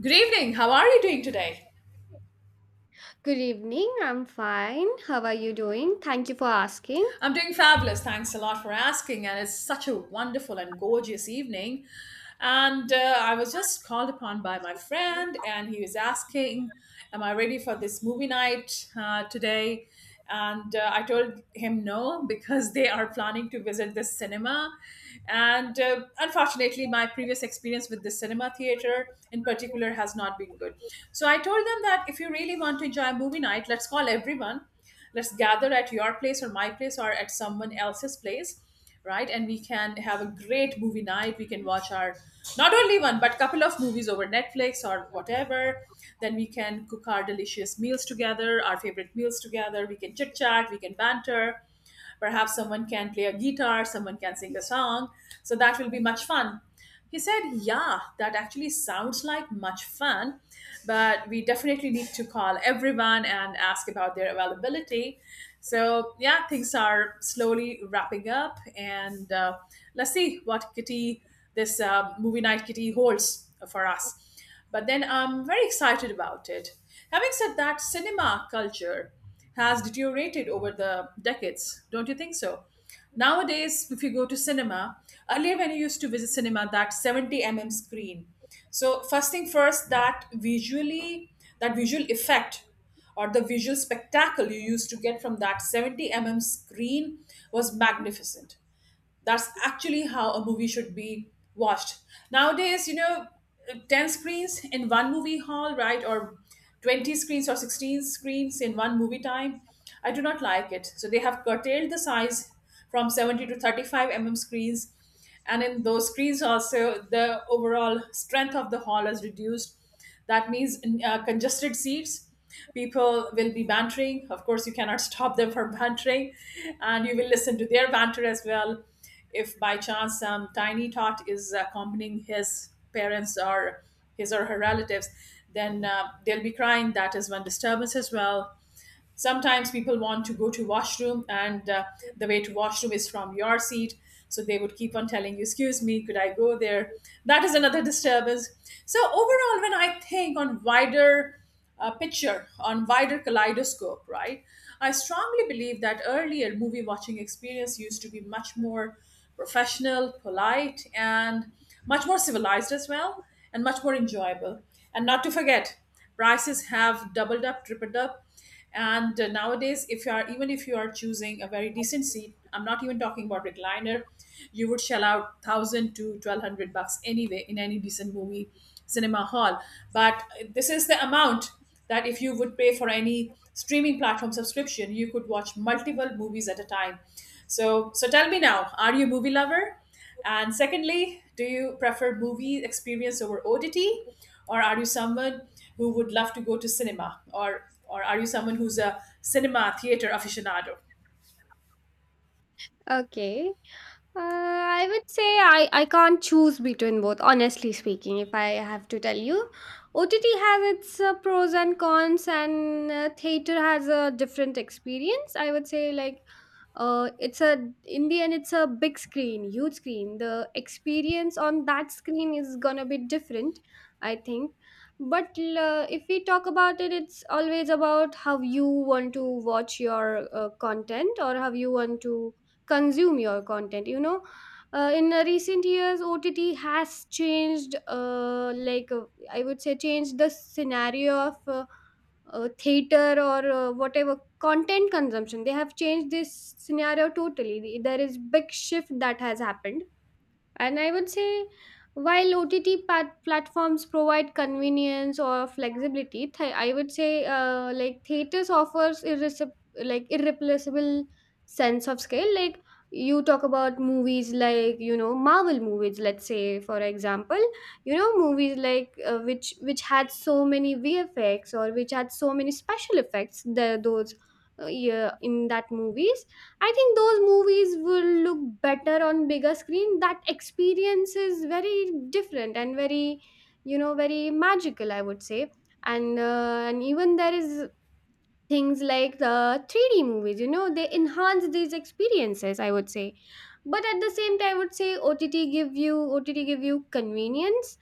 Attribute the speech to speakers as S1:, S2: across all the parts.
S1: Good evening. How are you doing today?
S2: Good evening. I'm fine. How are you doing? Thank you for asking.
S1: I'm doing fabulous. Thanks a lot for asking. And it's such a wonderful and gorgeous evening. And I was just called upon by my friend, and he was asking, am I ready for this movie night today? And I told him no because they are planning to visit this cinema. And unfortunately, my previous experience with the cinema theater in particular has not been good. So I told them that if you really want to enjoy a movie night, let's call everyone, let's gather at your place or my place or at someone else's place, right? And we can have a great movie night. We can watch, our not only one but couple of movies over Netflix or whatever. Then we can cook our delicious meals together, our favorite meals together. We can chit chat, we can banter. Perhaps someone can play a guitar, someone can sing a song. So that will be much fun. He said, yeah, that actually sounds like much fun, but we definitely need to call everyone and ask about their availability. So, yeah, things are slowly wrapping up, and let's see what kitty this movie night kitty holds for us. But then I'm very excited about it. Having said that, cinema culture has deteriorated over the decades, don't you think so? Nowadays, if you go to cinema, earlier when you used to visit cinema, that 70 mm screen. So first thing first, that visually, that visual effect or the visual spectacle you used to get from that 70 mm screen was magnificent. That's actually how a movie should be watched. Nowadays, you know, 10 screens in one movie hall, right? Or 20 screens or 16 screens in one movie time. I do not like it. So they have curtailed the size from 70 to 35 mm screens, and in those screens also the overall strength of the hall is reduced. That means congested seats. People will be bantering. Of course, you cannot stop them from bantering, and you will listen to their banter as well. If by chance some tiny tot is accompanying his parents or his or her relatives, then they'll be crying. That is one disturbance as well. Sometimes people want to go to washroom, and the way to washroom is from your seat, so they would keep on telling you, excuse me, could I go there? That is another disturbance. So overall, when I think on wider picture, on wider kaleidoscope, right, I strongly believe that earlier movie watching experience used to be much
S2: Oh.
S1: more professional, polite, and much more civilized as well, and much more enjoyable. And not to forget, prices have doubled up, tripled up. And nowadays, if you are, even if you are choosing a very decent seat, I'm not even talking about recliner, you would shell out 1000 to 1200 bucks anyway in any decent movie cinema hall. But this is the amount that if you would pay for any streaming platform subscription, you could watch multiple movies at a time. So tell me now, are you a movie lover? And secondly, do you prefer movie experience over OTT, or are you someone who would love to go to cinema? Or are you someone who's a cinema theater aficionado?
S2: Oke. I would say I can't choose between both, honestly speaking, if I have to tell you. OTT has its pros and cons, and theater has a different experience. I would say, like, it's a, in the end, it's a big screen, huge screen. The experience on that screen is gonna be different, I think. But if we talk about it, it's always about how you want to watch your content or how you want to consume your content, you know. In Recent years, OTT has changed, I would say, changed the scenario of theater, or whatever content consumption. They have changed this scenario totally. There is big shift that has happened. And I would say, while OTT platforms provide convenience or flexibility, I would say, like, theaters offers like irreplaceable sense of scale. Like, you talk about movies, like, you know, Marvel movies, let's say, for example, you know, movies like, which had so many VFX or which had so many special effects. Those yeah, in that movies, I think those movies will look better on bigger screen. That experience is very different and very, you know, very magical, I would say. And even there is things like the 3D movies. You know, they enhance these experiences, I would say. But at the same time, I would say, OTT give you convenience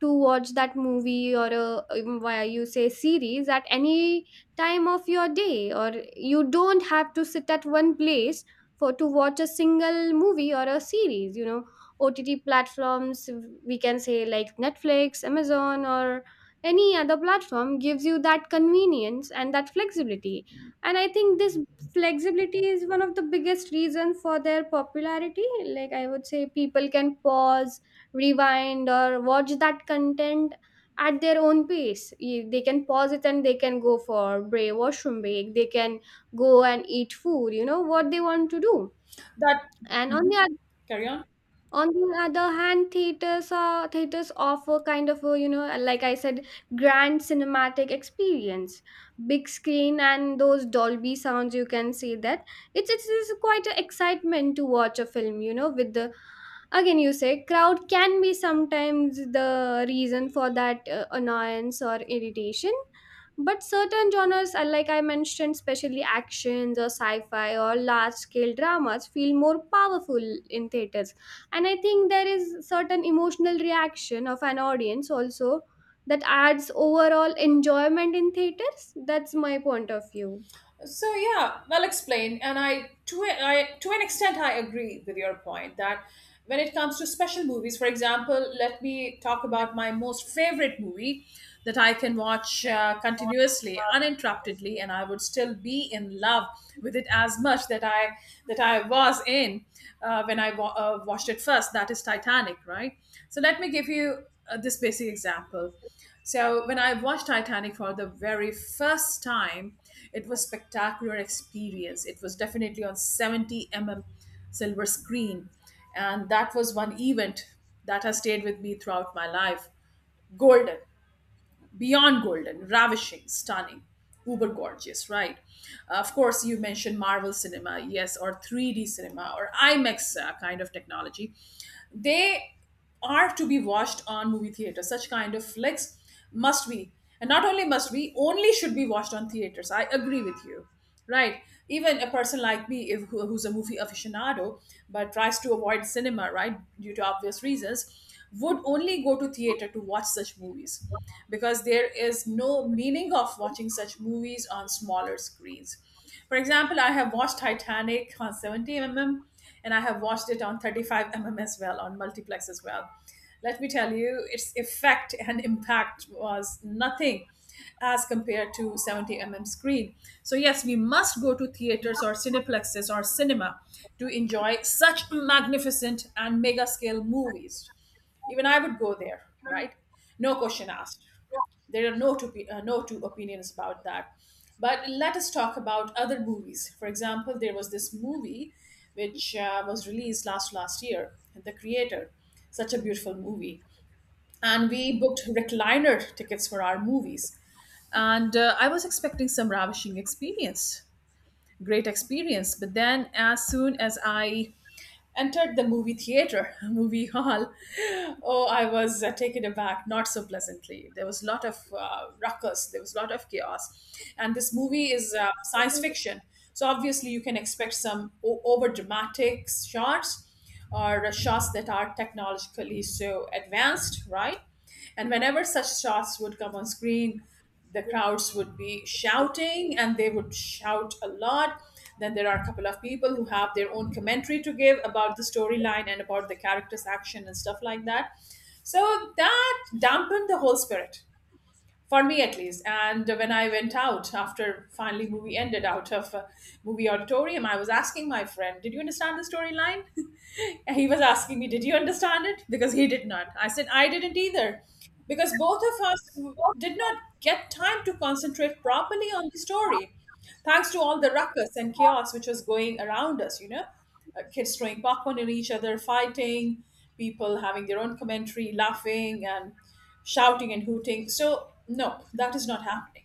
S2: to watch that movie or a, why you say, series at any time of your day, or you don't have to sit at one place for to watch a single movie or a series, you know. OTT platforms, we can say, like Netflix, Amazon, or any other platform, gives you that convenience and that flexibility. And I think this flexibility is one of the biggest reason for their popularity. Like, I would say, people can pause, rewind, or watch that content at their own pace. They can pause it and they can go for break, washroom break. They can go and eat food, you know, what they want to do.
S1: That.
S2: And on
S1: Mhm.
S2: the
S1: Carry on.
S2: on the other hand, theaters offer kind of a, you know, like I said, grand cinematic experience, big screen and those Dolby sounds. You can see that it's quite an excitement to watch a film. You know, with the, again, you say, crowd can be sometimes the reason for that annoyance or irritation. But certain genres are, like I mentioned, especially actions or sci-fi or large scale dramas, feel more powerful in theaters. And I think there is certain emotional reaction of an audience also that adds overall enjoyment in theaters. That's my point of view.
S1: So yeah, well explained, and I to an extent I agree with your point that when it comes to special movies, for example, let me talk about my most favorite movie that I can watch continuously, uninterruptedly, and I would still be in love with it as much that I was in when I watched it first. That is Titanic, right? So let me give you this basic example. So when I watched Titanic for the very first time, it was spectacular experience. It was definitely on 70 mm silver screen, and that was one event that has stayed with me throughout my life. Golden, beyond golden, ravishing, stunning, uber gorgeous, right? Of course, you mentioned Marvel cinema, yes, or 3D cinema or IMAX kind of technology, they are to be watched on movie theaters. Such kind of flicks must be, and not only must be, only should be watched on theaters. I agree with you, right? Even a person like me, if who, who's a movie aficionado but tries to avoid cinema, right, due to obvious reasons, would only go to theater to watch such movies, because there is no meaning of watching such movies on smaller screens. For example, I have watched Titanic on 70 mm, and I have watched it on 35 mm as well, on multiplex as well. Let me tell you, its effect and impact was nothing as compared to 70 mm screen. So, yes, we must go to theaters or cineplexes or cinema to enjoy such magnificent and mega scale movies. Even I would go there, right? No question asked. There are no two, no two opinions about that. But let us talk about other movies. For example, there was this movie which was released last year, The Creator. Such a beautiful movie. And we booked recliner tickets for our movies, and I was expecting some ravishing experience, great experience. But then as soon as I entered the movie theater, movie hall, oh, I was taken aback, not so pleasantly. There was a lot of ruckus, there was a lot of chaos. And this movie is science fiction. So obviously, you can expect some over dramatic shots or shots that are technologically so advanced, right? And whenever such shots would come on screen, the crowds would be shouting and they would shout a lot. Then there are a couple of people who have their own commentary to give about the storyline and about the characters' action and stuff like that. So that dampened the whole spirit for me at least. And when I went out after finally movie ended, out of movie auditorium, I was asking my friend, did you understand the storyline? He was asking me, did you understand it? Because he did not. I said, I didn't either. Because both of us did not get time to concentrate properly on the story, thanks to all the ruckus and chaos which was going around us, kids throwing popcorn at each other, fighting, people having their own commentary, laughing and shouting and hooting. So, no, that is not happening.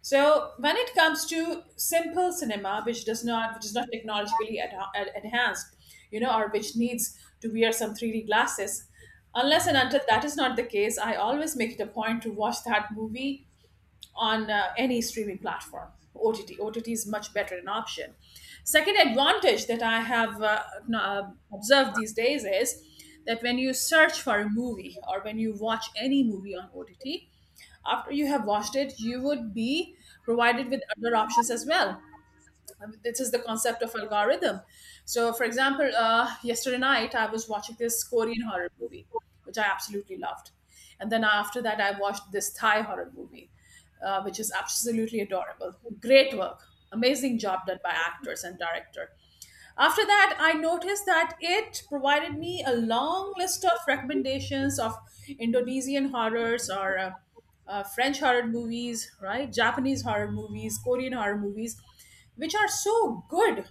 S1: So when it comes to simple cinema, which is not technologically enhanced, you know, or which needs to wear some 3D glasses, unless and until that is not the case, I always make it a point to watch that movie on any streaming platform. OTT. OTT is much better an option. Second advantage that I have observed these days is that when you search for a movie or when you watch any movie on OTT, after you have watched it, you would be provided with other options as well. This is the concept of algorithm. So, for example, yesterday night I was watching this Korean horror movie, which I absolutely loved, and then after that I watched this Thai horror movie, which is absolutely adorable. Great work, amazing job done by actors and director. After that, I noticed that it provided me a long list of recommendations of Indonesian horrors or French horror movies, right? Japanese horror movies, Korean horror movies, which are so good.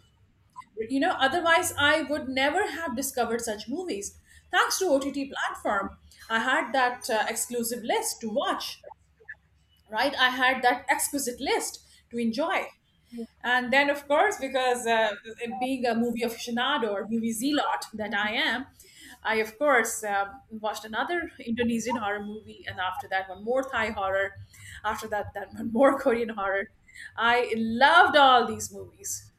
S1: You know, otherwise, I would never have discovered such movies. Thanks to OTT platform, I had that exclusive list to watch, right? I had that exquisite list to enjoy. And then, of course, because being a movie aficionado or movie zealot that I am, I, of course, watched another Indonesian horror movie, and after that, one more Thai horror. After that, that one more Korean horror. I loved all these movies.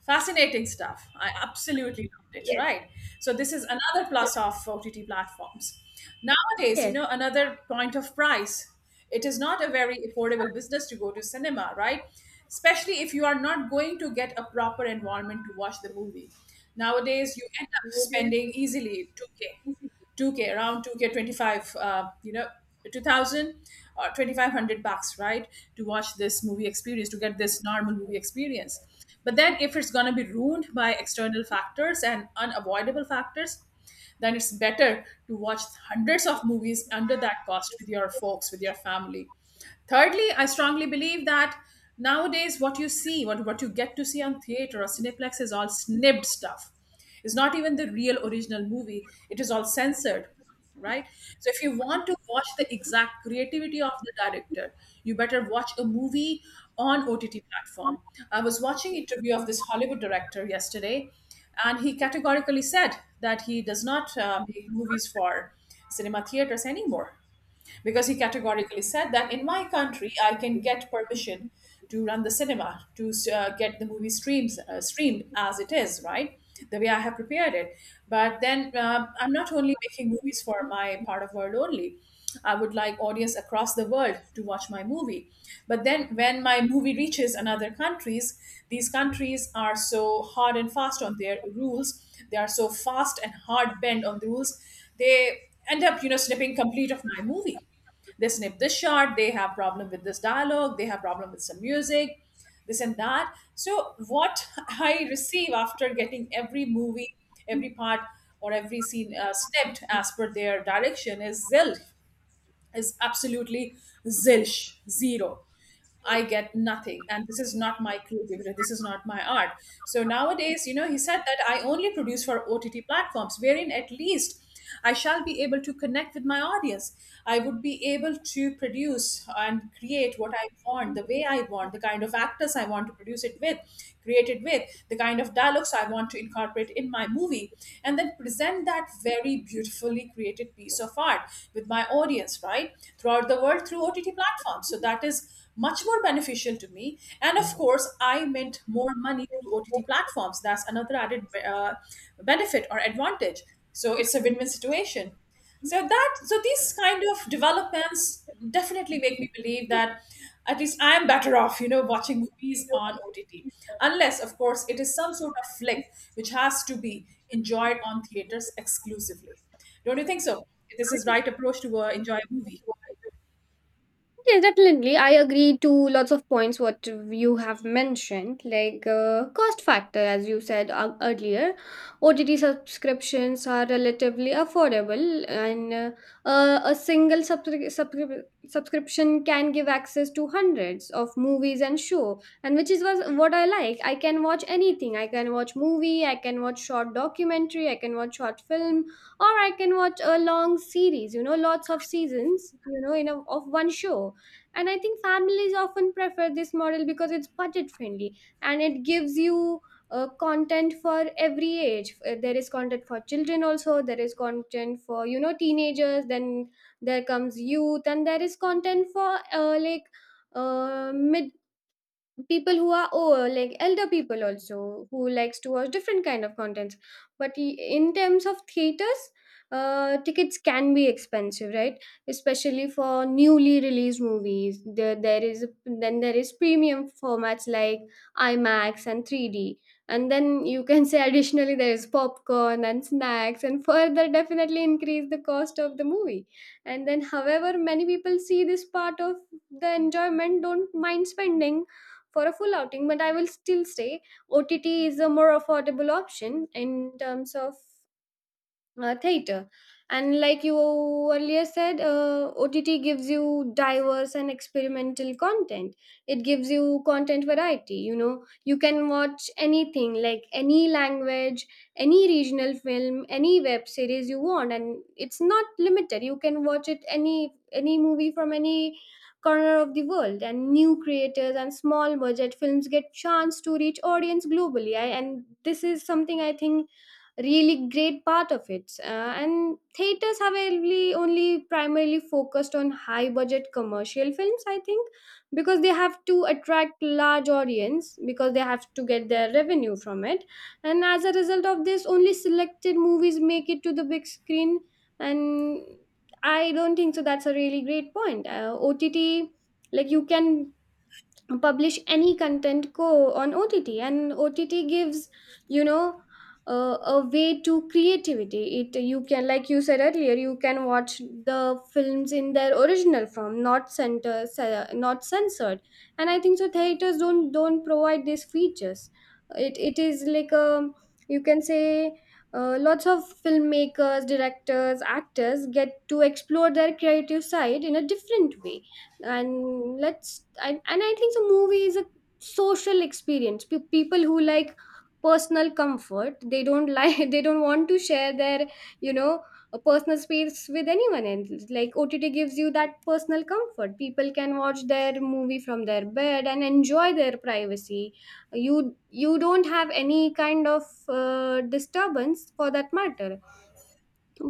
S1: Fascinating stuff. I absolutely loved it,
S2: Yes.
S1: right? So this is another plus of OTT platforms. Nowadays, you
S2: Yes.
S1: know, another point of price. It is not a very affordable business to go to cinema, right? Especially if you are not going to get a proper environment to watch the movie. Nowadays, you end up spending easily 2K, 2K, around 2K 25, you know, 2000 or 2500 bucks, right? To watch this movie experience, to get this normal movie experience. But then if it's going to be ruined by external factors and unavoidable factors, then it's better to watch hundreds of movies under that cost with your folks, with your family. Thirdly, I strongly believe that nowadays what you see, what you get to see on theater or Cineplex is all snibbed stuff. It's not even the real original movie, it is all censored, right? So if you want to watch the exact creativity of the director, you better watch a movie on OTT platform. I was watching interview of this Hollywood director yesterday and he categorically said that he does not make movies for cinema theaters anymore because he categorically said that in my country I can get permission to run the cinema to get the movie streams streamed as it is, right? The way I have prepared it, but then I'm not only making movies for my part of world only. I would like audience across the world to watch my movie. But then when my movie reaches another countries, these countries are so hard and fast on their rules. They are so fast and hard bent on the rules. They end up, you know, snipping complete of my movie. They snip this shot, they have problem with this dialogue, they have problem with some music, this and that. So what I receive after getting every movie, every part or every scene snipped as per their direction is zilch, is absolutely zilch, zero. I get nothing. And this is not my creativity. This is not my art. So nowadays, you know, he said that I only produce for OTT platforms, wherein at least I shall be able to connect with my audience. I would be able to produce and create what I want, the way I want, the kind of actors I want to produce it with, create it with, the kind of dialogues I want to incorporate in my movie, and then present that very beautifully created piece of art with my audience, right? Throughout the world through OTT platforms platform. So that is much more beneficial to me. And of course, I mint more money through OTT platforms. That's another added benefit or advantage. So it's a win-win situation. So these kind of developments definitely make me believe that at least I am better off, you know, watching movies on OTT. Unless, of course, it is some sort of flick which has to be enjoyed on theaters exclusively. Don't you think so? This is right approach to enjoy a movie.
S2: Yes, definitely. I agree to lots of points what you have mentioned, like, cost factor, as you said earlier. OTT subscriptions are relatively affordable, and a single subscription can give access to hundreds of movies and show, and which is was what I like. I can watch anything. I can watch movie. I can watch short documentary. I can watch short film, or I can watch a long series. You know, lots of seasons, you know, in a, of one show. And I think families often prefer this model because it's budget friendly and it gives you content for every age. There is content for children also, there is content for, you know, teenagers, then there comes youth, and there is content for, mid people who are old, like elder people also, who likes to watch different kind of contents. But in terms of theaters, tickets can be expensive, right? Especially for newly released movies, there is, then there is premium formats like IMAX and 3D. And then, you can say, additionally there is popcorn and snacks, and further definitely increase the cost of the movie. And then, however, many people see this part of the enjoyment, don't mind spending for a full outing, but I will still say OTT is a more affordable option in terms of theater. And like you earlier said, OTT gives you diverse and experimental content. It gives you content variety. You know, you can watch anything, like any language, any regional film, any web series you want, and it's not limited. You can watch it any movie from any corner of the world. And new creators and small budget films get chance to reach audience globally. I, and this is something, I think, really great part of it. And theaters have only, only primarily focused on high budget commercial films, I think, because they have to attract large audience because they have to get their revenue from it. And as a result of this, only selected movies make it to the big screen. And I don't think so. That's a really great point. OTT, like, you can publish any content co on OTT. And OTT gives, you know, a way to creativity. It, you can, like you said earlier, you can watch the films in their original form, not center, not censored. And I think so theaters don't provide these features. It is like a, you can say, lots of filmmakers, directors, actors get to explore their creative side in a different way. And let's and and I think the movie is a social experience. People who like personal comfort, they don't like they don't want to share their, you know, a personal space with anyone else. Like, OTT gives you that personal comfort. People can watch their movie from their bed and enjoy their privacy. You don't have any kind of disturbance for that matter.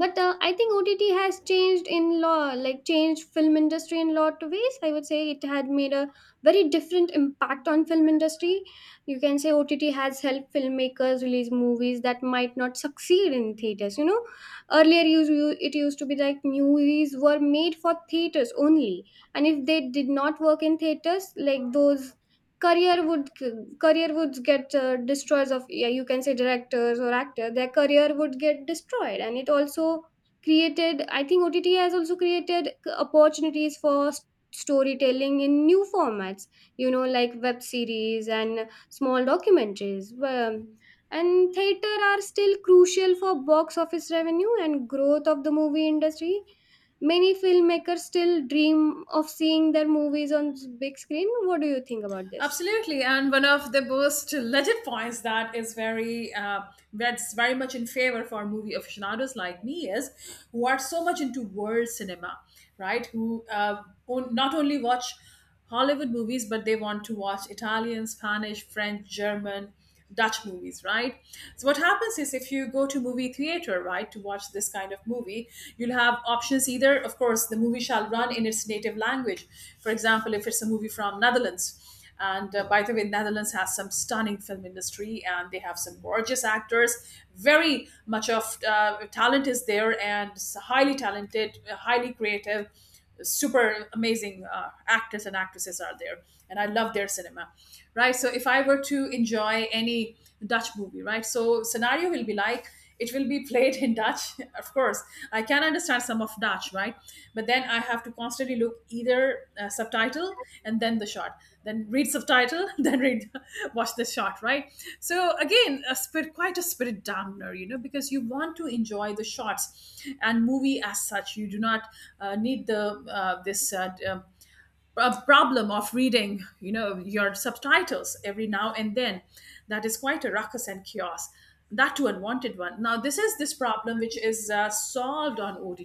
S2: But I think OTT has changed in law, like, changed film industry in lot of ways. I would say it had made a very different impact on film industry. You can say OTT has helped filmmakers release movies that might not succeed in theaters. You know, earlier, it used to be like movies were made for theaters only, and if they did not work in theaters, like, those career would career would get destroyed of, yeah, you can say directors or actor, their career would get destroyed. And it also created, I think OTT has also created opportunities for storytelling in new formats, you know, like web series and small documentaries. And theater are still crucial for box office revenue and growth of the movie industry. Many filmmakers still dream of seeing their movies on big screen. What do you think about this?
S1: Absolutely, and one of the most legit points that is very that's very much in favor for movie aficionados like me is who are so much into world cinema, right? Who not only watch Hollywood movies but they want to watch Italian, Spanish, French, German, Dutch movies, right? So what happens is if you go to movie theater, right, to watch this kind of movie, you'll have options either, of course, the movie shall run in its native language. For example, if it's a movie from Netherlands, and by the way, Netherlands has some stunning film industry, and they have some gorgeous actors. Very much of talent is there, and highly talented, highly creative, super amazing actors and actresses are there. And I love their cinema, right? So if I were to enjoy any Dutch movie, right? So scenario will be like it will be played in Dutch. Of course, I can understand some of Dutch, right? But then I have to constantly look either subtitle and then the shot, then read subtitle, then read watch the shot, right? So again, quite a spirit dampener, you know, because you want to enjoy the shots and movie as such. You do not need a problem of reading, you know, your subtitles every now and then. That is quite a ruckus and chaos, that too unwanted one. Now this is this problem which is solved on OTT.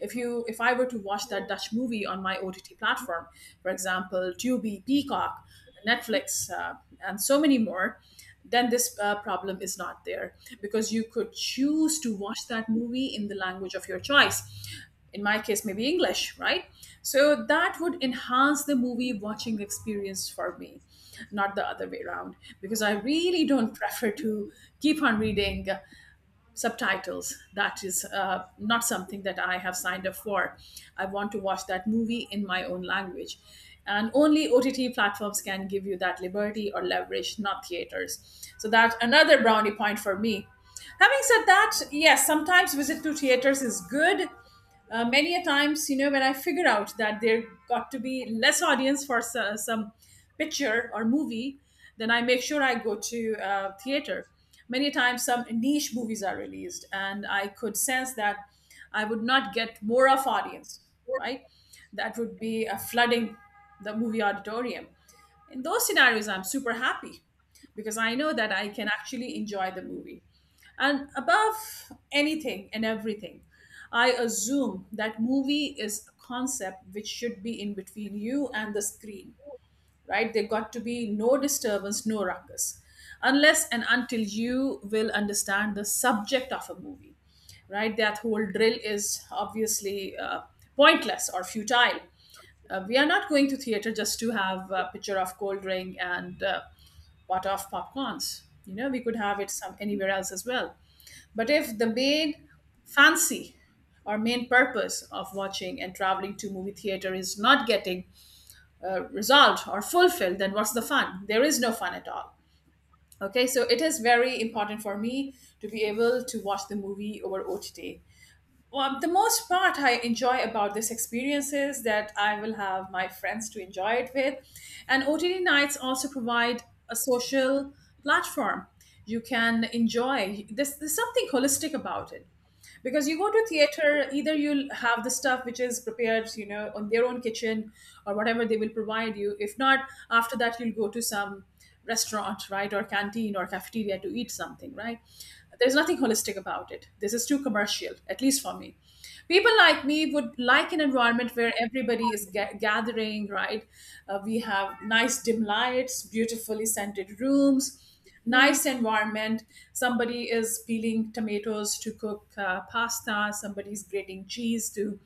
S1: If I were to watch that Dutch movie on my OTT platform, for example Tubi, Peacock, Netflix, and so many more, then this problem is not there, because you could choose to watch that movie in the language of your choice, in my case maybe English, right? So that would enhance the movie watching experience for me, not the other way around, because I really don't prefer to keep on reading subtitles. That is not something that I have signed up for. I want to watch that movie in my own language, and only OTT platforms can give you that liberty or leverage, not theaters. So that's another brownie point for me. Having said that, yes, sometimes visit to theaters is good, many a times, you know, when I figure out that there got to be less audience for some picture or movie, then I make sure I go to theater. Many a times some niche movies are released and I could sense that I would not get more of audience, right, that would be flooding the movie auditorium. In those scenarios I'm super happy, because I know that I can actually enjoy the movie. And above anything and everything, I assume that movie is a concept which should be in between you and the screen, right? There got to be no disturbance, no ruckus, unless and until you will understand the subject of a movie, right? That whole drill is obviously pointless or futile. We are not going to theater just to have a picture of cold drink and pot of popcorns. You know, we could have it some anywhere else as well. But if the main fancy or main purpose of watching and traveling to movie theater is not getting resolved or fulfilled, then what's the fun? There is no fun at all. Okay, so it is very important for me to be able to watch the movie over OTT. Well, the most part I enjoy about this experience is that I will have my friends to enjoy it with. And OTT nights also provide a social platform. You can enjoy, there's something holistic about it, because you go to theater, either you'll have the stuff which is prepared, you know, on their own kitchen, or whatever they will provide you. If not, after that you'll go to some restaurant, right, or canteen or cafeteria to eat something, right? There's nothing holistic about it. This is too commercial, at least for me. People like me would like an environment where everybody is gathering, right? We have nice dim lights, beautifully scented rooms, nice environment. Somebody is peeling tomatoes to cook pasta, somebody's grating cheese to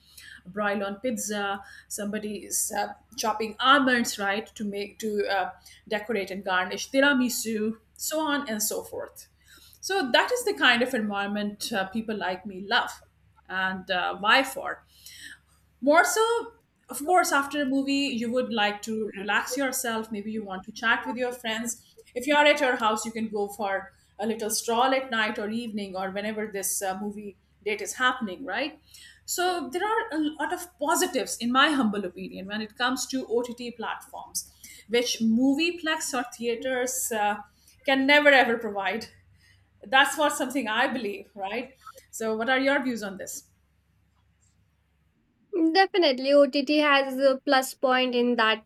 S1: broil on pizza, somebody is chopping almonds, right, to decorate and garnish tiramisu, so on and so forth. So that is the kind of environment people like me love, and why for. More so, of course, after a movie, you would like to relax yourself. Maybe you want to chat with your friends. If you are at your house, you can go for a little stroll at night or evening or whenever this movie date is happening, right? So, there are a lot of positives, in my humble opinion, when it comes to OTT platforms, which movieplex or theaters can never ever provide. That's what something I believe, right? So, what are your views on this?
S2: Definitely, OTT has a plus point in that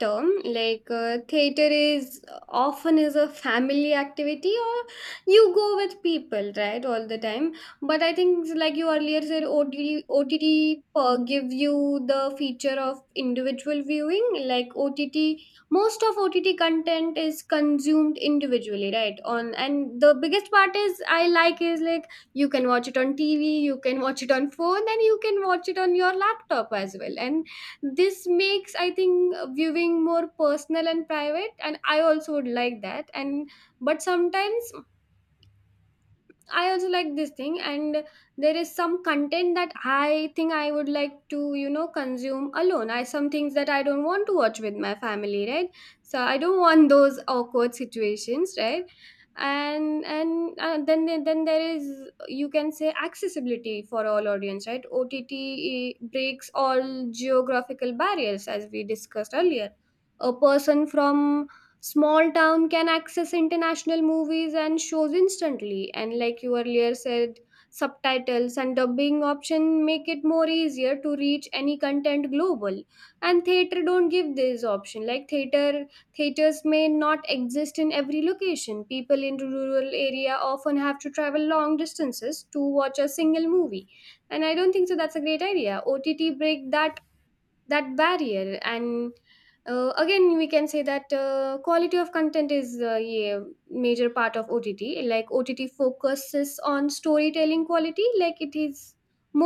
S2: term. Like, theater is, often is a family activity, or you go with people, right, all the time. But I think, like you earlier said, OTT give you the feature of individual viewing. Like OTT, most of OTT content is consumed individually, right? On and the biggest part is I like, is, like, you can watch it on TV, you can watch it on phone, and you can watch it on your laptop as well. And this makes, I think, viewing more personal and private, and I also would like that. And but sometimes, I also like this thing. And there is some content that I think I would like to, you know, consume alone. I some things that I don't want to watch with my family, right? So I don't want those awkward situations, right? And then there is, you can say, accessibility for all audience, right? OTT breaks all geographical barriers, as we discussed earlier. A person from small town can access international movies and shows instantly. And like you earlier said, subtitles and dubbing option make it more easier to reach any content global. And theater don't give this option. Like theater, theaters may not exist in every location. People in rural area often have to travel long distances to watch a single movie. And I don't think so that's a great idea. OTT break that, that barrier. And again, we can say that quality of content is, yeah, major part of OTT. Like OTT focuses on storytelling quality. Like, it is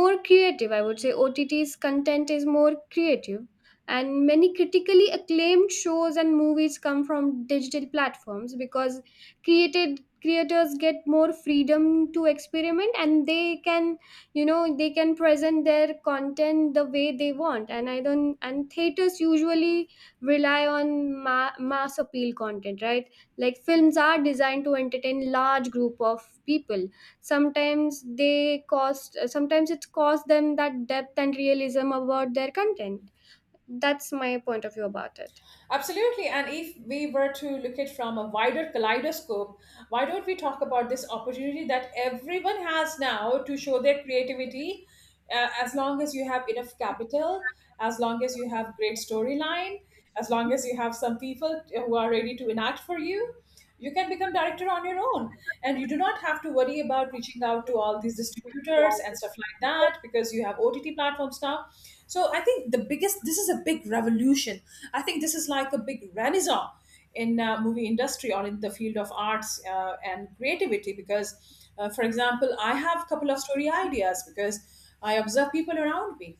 S2: more creative, I would say. OTT's content is more creative, and many critically acclaimed shows and movies come from digital platforms because created creators get more freedom to experiment, and they can, you know, they can present their content the way they want. And I don't, and theaters usually rely on mass appeal content, right? Like films are designed to entertain large group of people. Sometimes it costs them that depth and realism about their content. That's my point of view about it.
S1: Absolutely. And if we were to look at from a wider kaleidoscope, why don't we talk about this opportunity that everyone has now to show their creativity, as long as you have enough capital, as long as you have great storyline, as long as you have some people who are ready to enact for you? You can become director on your own, and you do not have to worry about reaching out to all these distributors and stuff like that, because you have OTT platforms now. So I think the biggest this is a big revolution. I think this is like a big renaissance in movie industry or in the field of arts and creativity. Because for example, I have a couple of story ideas, because I observe people around me.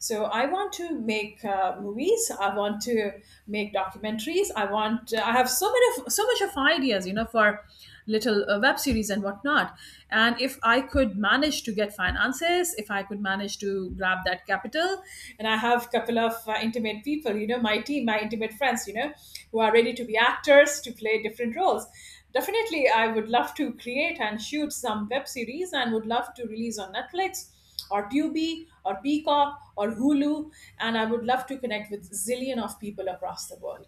S1: So I want to make movies. I want to make documentaries. I want. I have so many, so much of ideas, you know, for little web series and whatnot. And if I could manage to get finances, if I could manage to grab that capital, and I have a couple of intimate people, you know, my team, my intimate friends, you know, who are ready to be actors to play different roles. Definitely, I would love to create and shoot some web series, and would love to release on Netflix or Tubi or Peacock or Hulu, and I would love to connect with zillion of people across the world.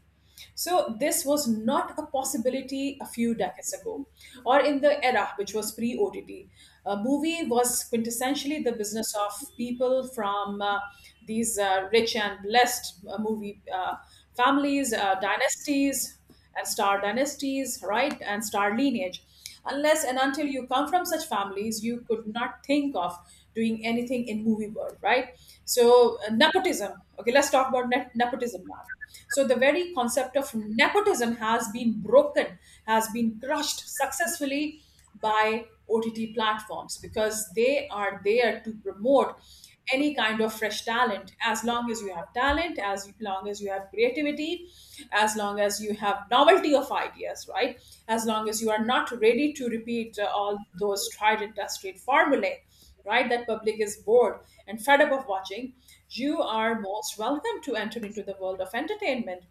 S1: So this was not a possibility a few decades ago, or in the era which was pre-OTT. A movie was quintessentially the business of people from these rich and blessed movie families, dynasties, and star dynasties, right? And star lineage. Unless and until you come from such families, you could not think of doing anything in movie world, right? So nepotism. Okay, let's talk about nepotism now. So the very concept of nepotism has been broken, has been crushed successfully by OTT platforms because they are there to promote any kind of fresh talent, as long as you have talent, as long as you have creativity, as long as you have novelty of ideas, right, as long as you are not ready to repeat all those tried and tested formulae, right, that public is bored and fed up of watching, you are most welcome to enter into the world of entertainment.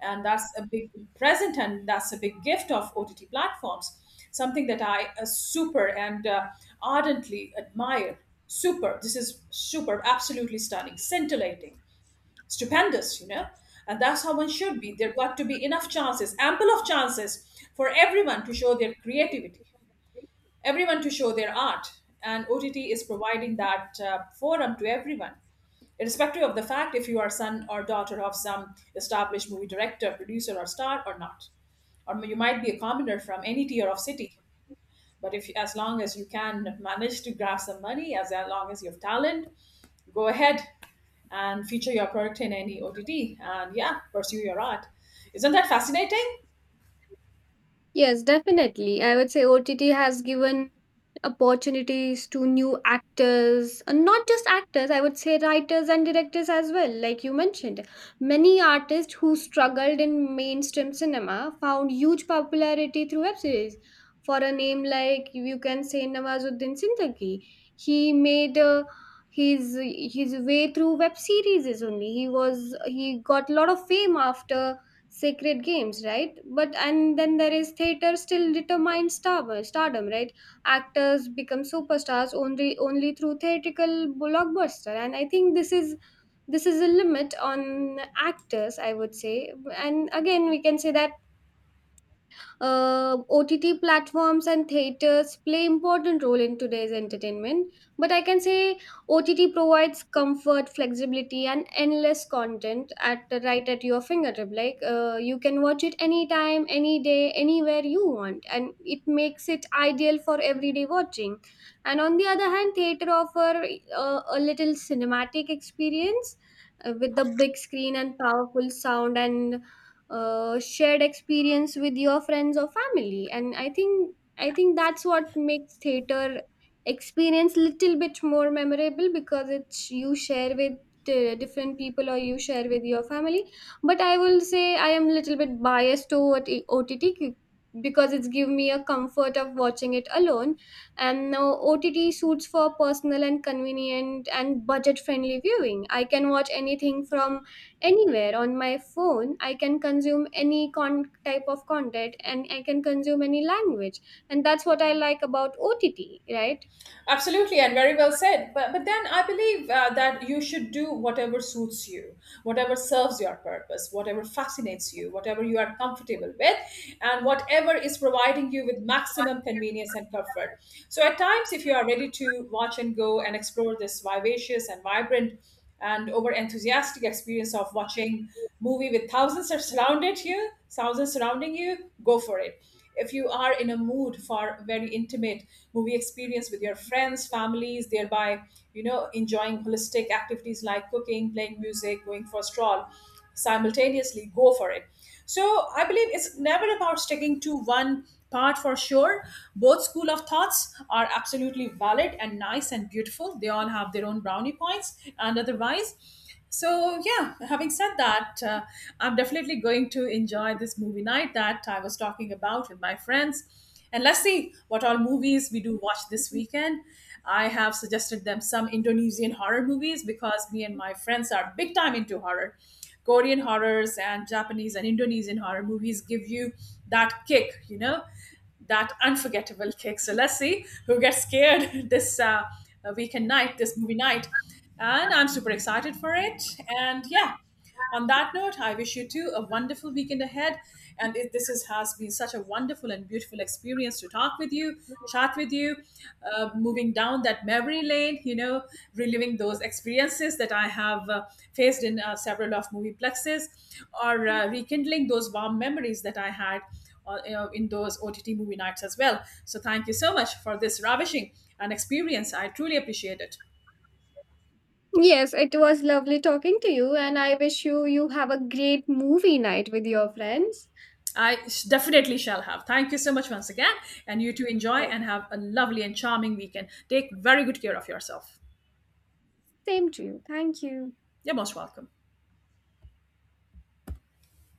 S1: And that's a big present, and that's a big gift of ott platforms, something that I super and ardently admire. Super. This is super, absolutely stunning, scintillating, stupendous, you know. And that's how one should be. There got to be enough chances, ample of chances for everyone to show their creativity, everyone to show their art. And OTT is providing that forum to everyone, irrespective of the fact if you are son or daughter of some established movie director, producer, or star or not. Or you might be a commoner from any tier of city. But if as long as you can manage to grab some money, as long as you have talent, go ahead and feature your product in any OTT, and yeah, pursue your art. Isn't that fascinating?
S2: Yes, definitely. I would say OTT has given opportunities to new actors, and not just actors, I would say writers and directors as well, like you mentioned. Many artists who struggled in mainstream cinema found huge popularity through web series. For a name like, you can say, Nawazuddin Siddiqui, he made, his his way through web series only. He got a lot of fame after Sacred Games, right? But and then there is theater still determines stardom, right? Actors become superstars only, only through theatrical blockbuster, and I think this is, this is a limit on actors, I would say. And again, we can say that, OTT platforms and theaters play important role in today's entertainment, but I can say OTT provides comfort, flexibility, and endless content at the right at your fingertip. Like, you can watch it anytime, any day, anywhere you want, and it makes it ideal for everyday watching. And on the other hand, theater offer a little cinematic experience with the big screen and powerful sound and shared experience with your friends or family. And I think that's what makes theater experience little bit more memorable because it's you share with different people, or you share with your family. But I will say I am little bit biased toward OTT, because it's give me a comfort of watching it alone. And now OTT suits for personal and convenient and budget friendly viewing. I can watch anything from anywhere on my phone. I can consume any type of content, and I can consume any language. And that's what I like about OTT, right?
S1: Absolutely, and very well said. But then I believe that you should do whatever suits you, whatever serves your purpose, whatever fascinates you, whatever you are comfortable with, and whatever is providing you with maximum convenience and comfort. So at times, if you are ready to watch and go and explore this vivacious and vibrant and over enthusiastic experience of watching movie with thousands are surrounded you, thousands surrounding you, go for it. If you are in a mood for a very intimate movie experience with your friends, families, thereby, you know, enjoying holistic activities like cooking, playing music, going for a stroll simultaneously, go for it. So I believe it's never about sticking to one part for sure. Both school of thoughts are absolutely valid and nice and beautiful. They all have their own brownie points and otherwise. So, yeah, having said that, I'm definitely going to enjoy this movie night that I was talking about with my friends. And let's see what all movies we do watch this weekend. I have suggested them some Indonesian horror movies because me and my friends are big time into horror. Korean horrors and Japanese and Indonesian horror movies give you that kick, you know, that unforgettable kick. So let's see who gets scared this weekend night, this movie night. And I'm super excited for it. And yeah, on that note, I wish you too a wonderful weekend ahead. And has been such a wonderful and beautiful experience to talk with you, chat with you, moving down that memory lane, you know, reliving those experiences that I have faced in several of movie plexes or rekindling those warm memories that I had, you know, in those OTT movie nights as well. So thank you so much for this ravishing and experience. I truly appreciate it.
S2: Yes, it was lovely talking to you, and I wish you, you have a great movie night with your friends.
S1: Definitely shall have. Thank you so much once again. And you too enjoy
S2: Yes.
S1: and have a lovely and charming weekend. Take very good care of yourself.
S2: Same to you. Thank you.
S1: You're most welcome.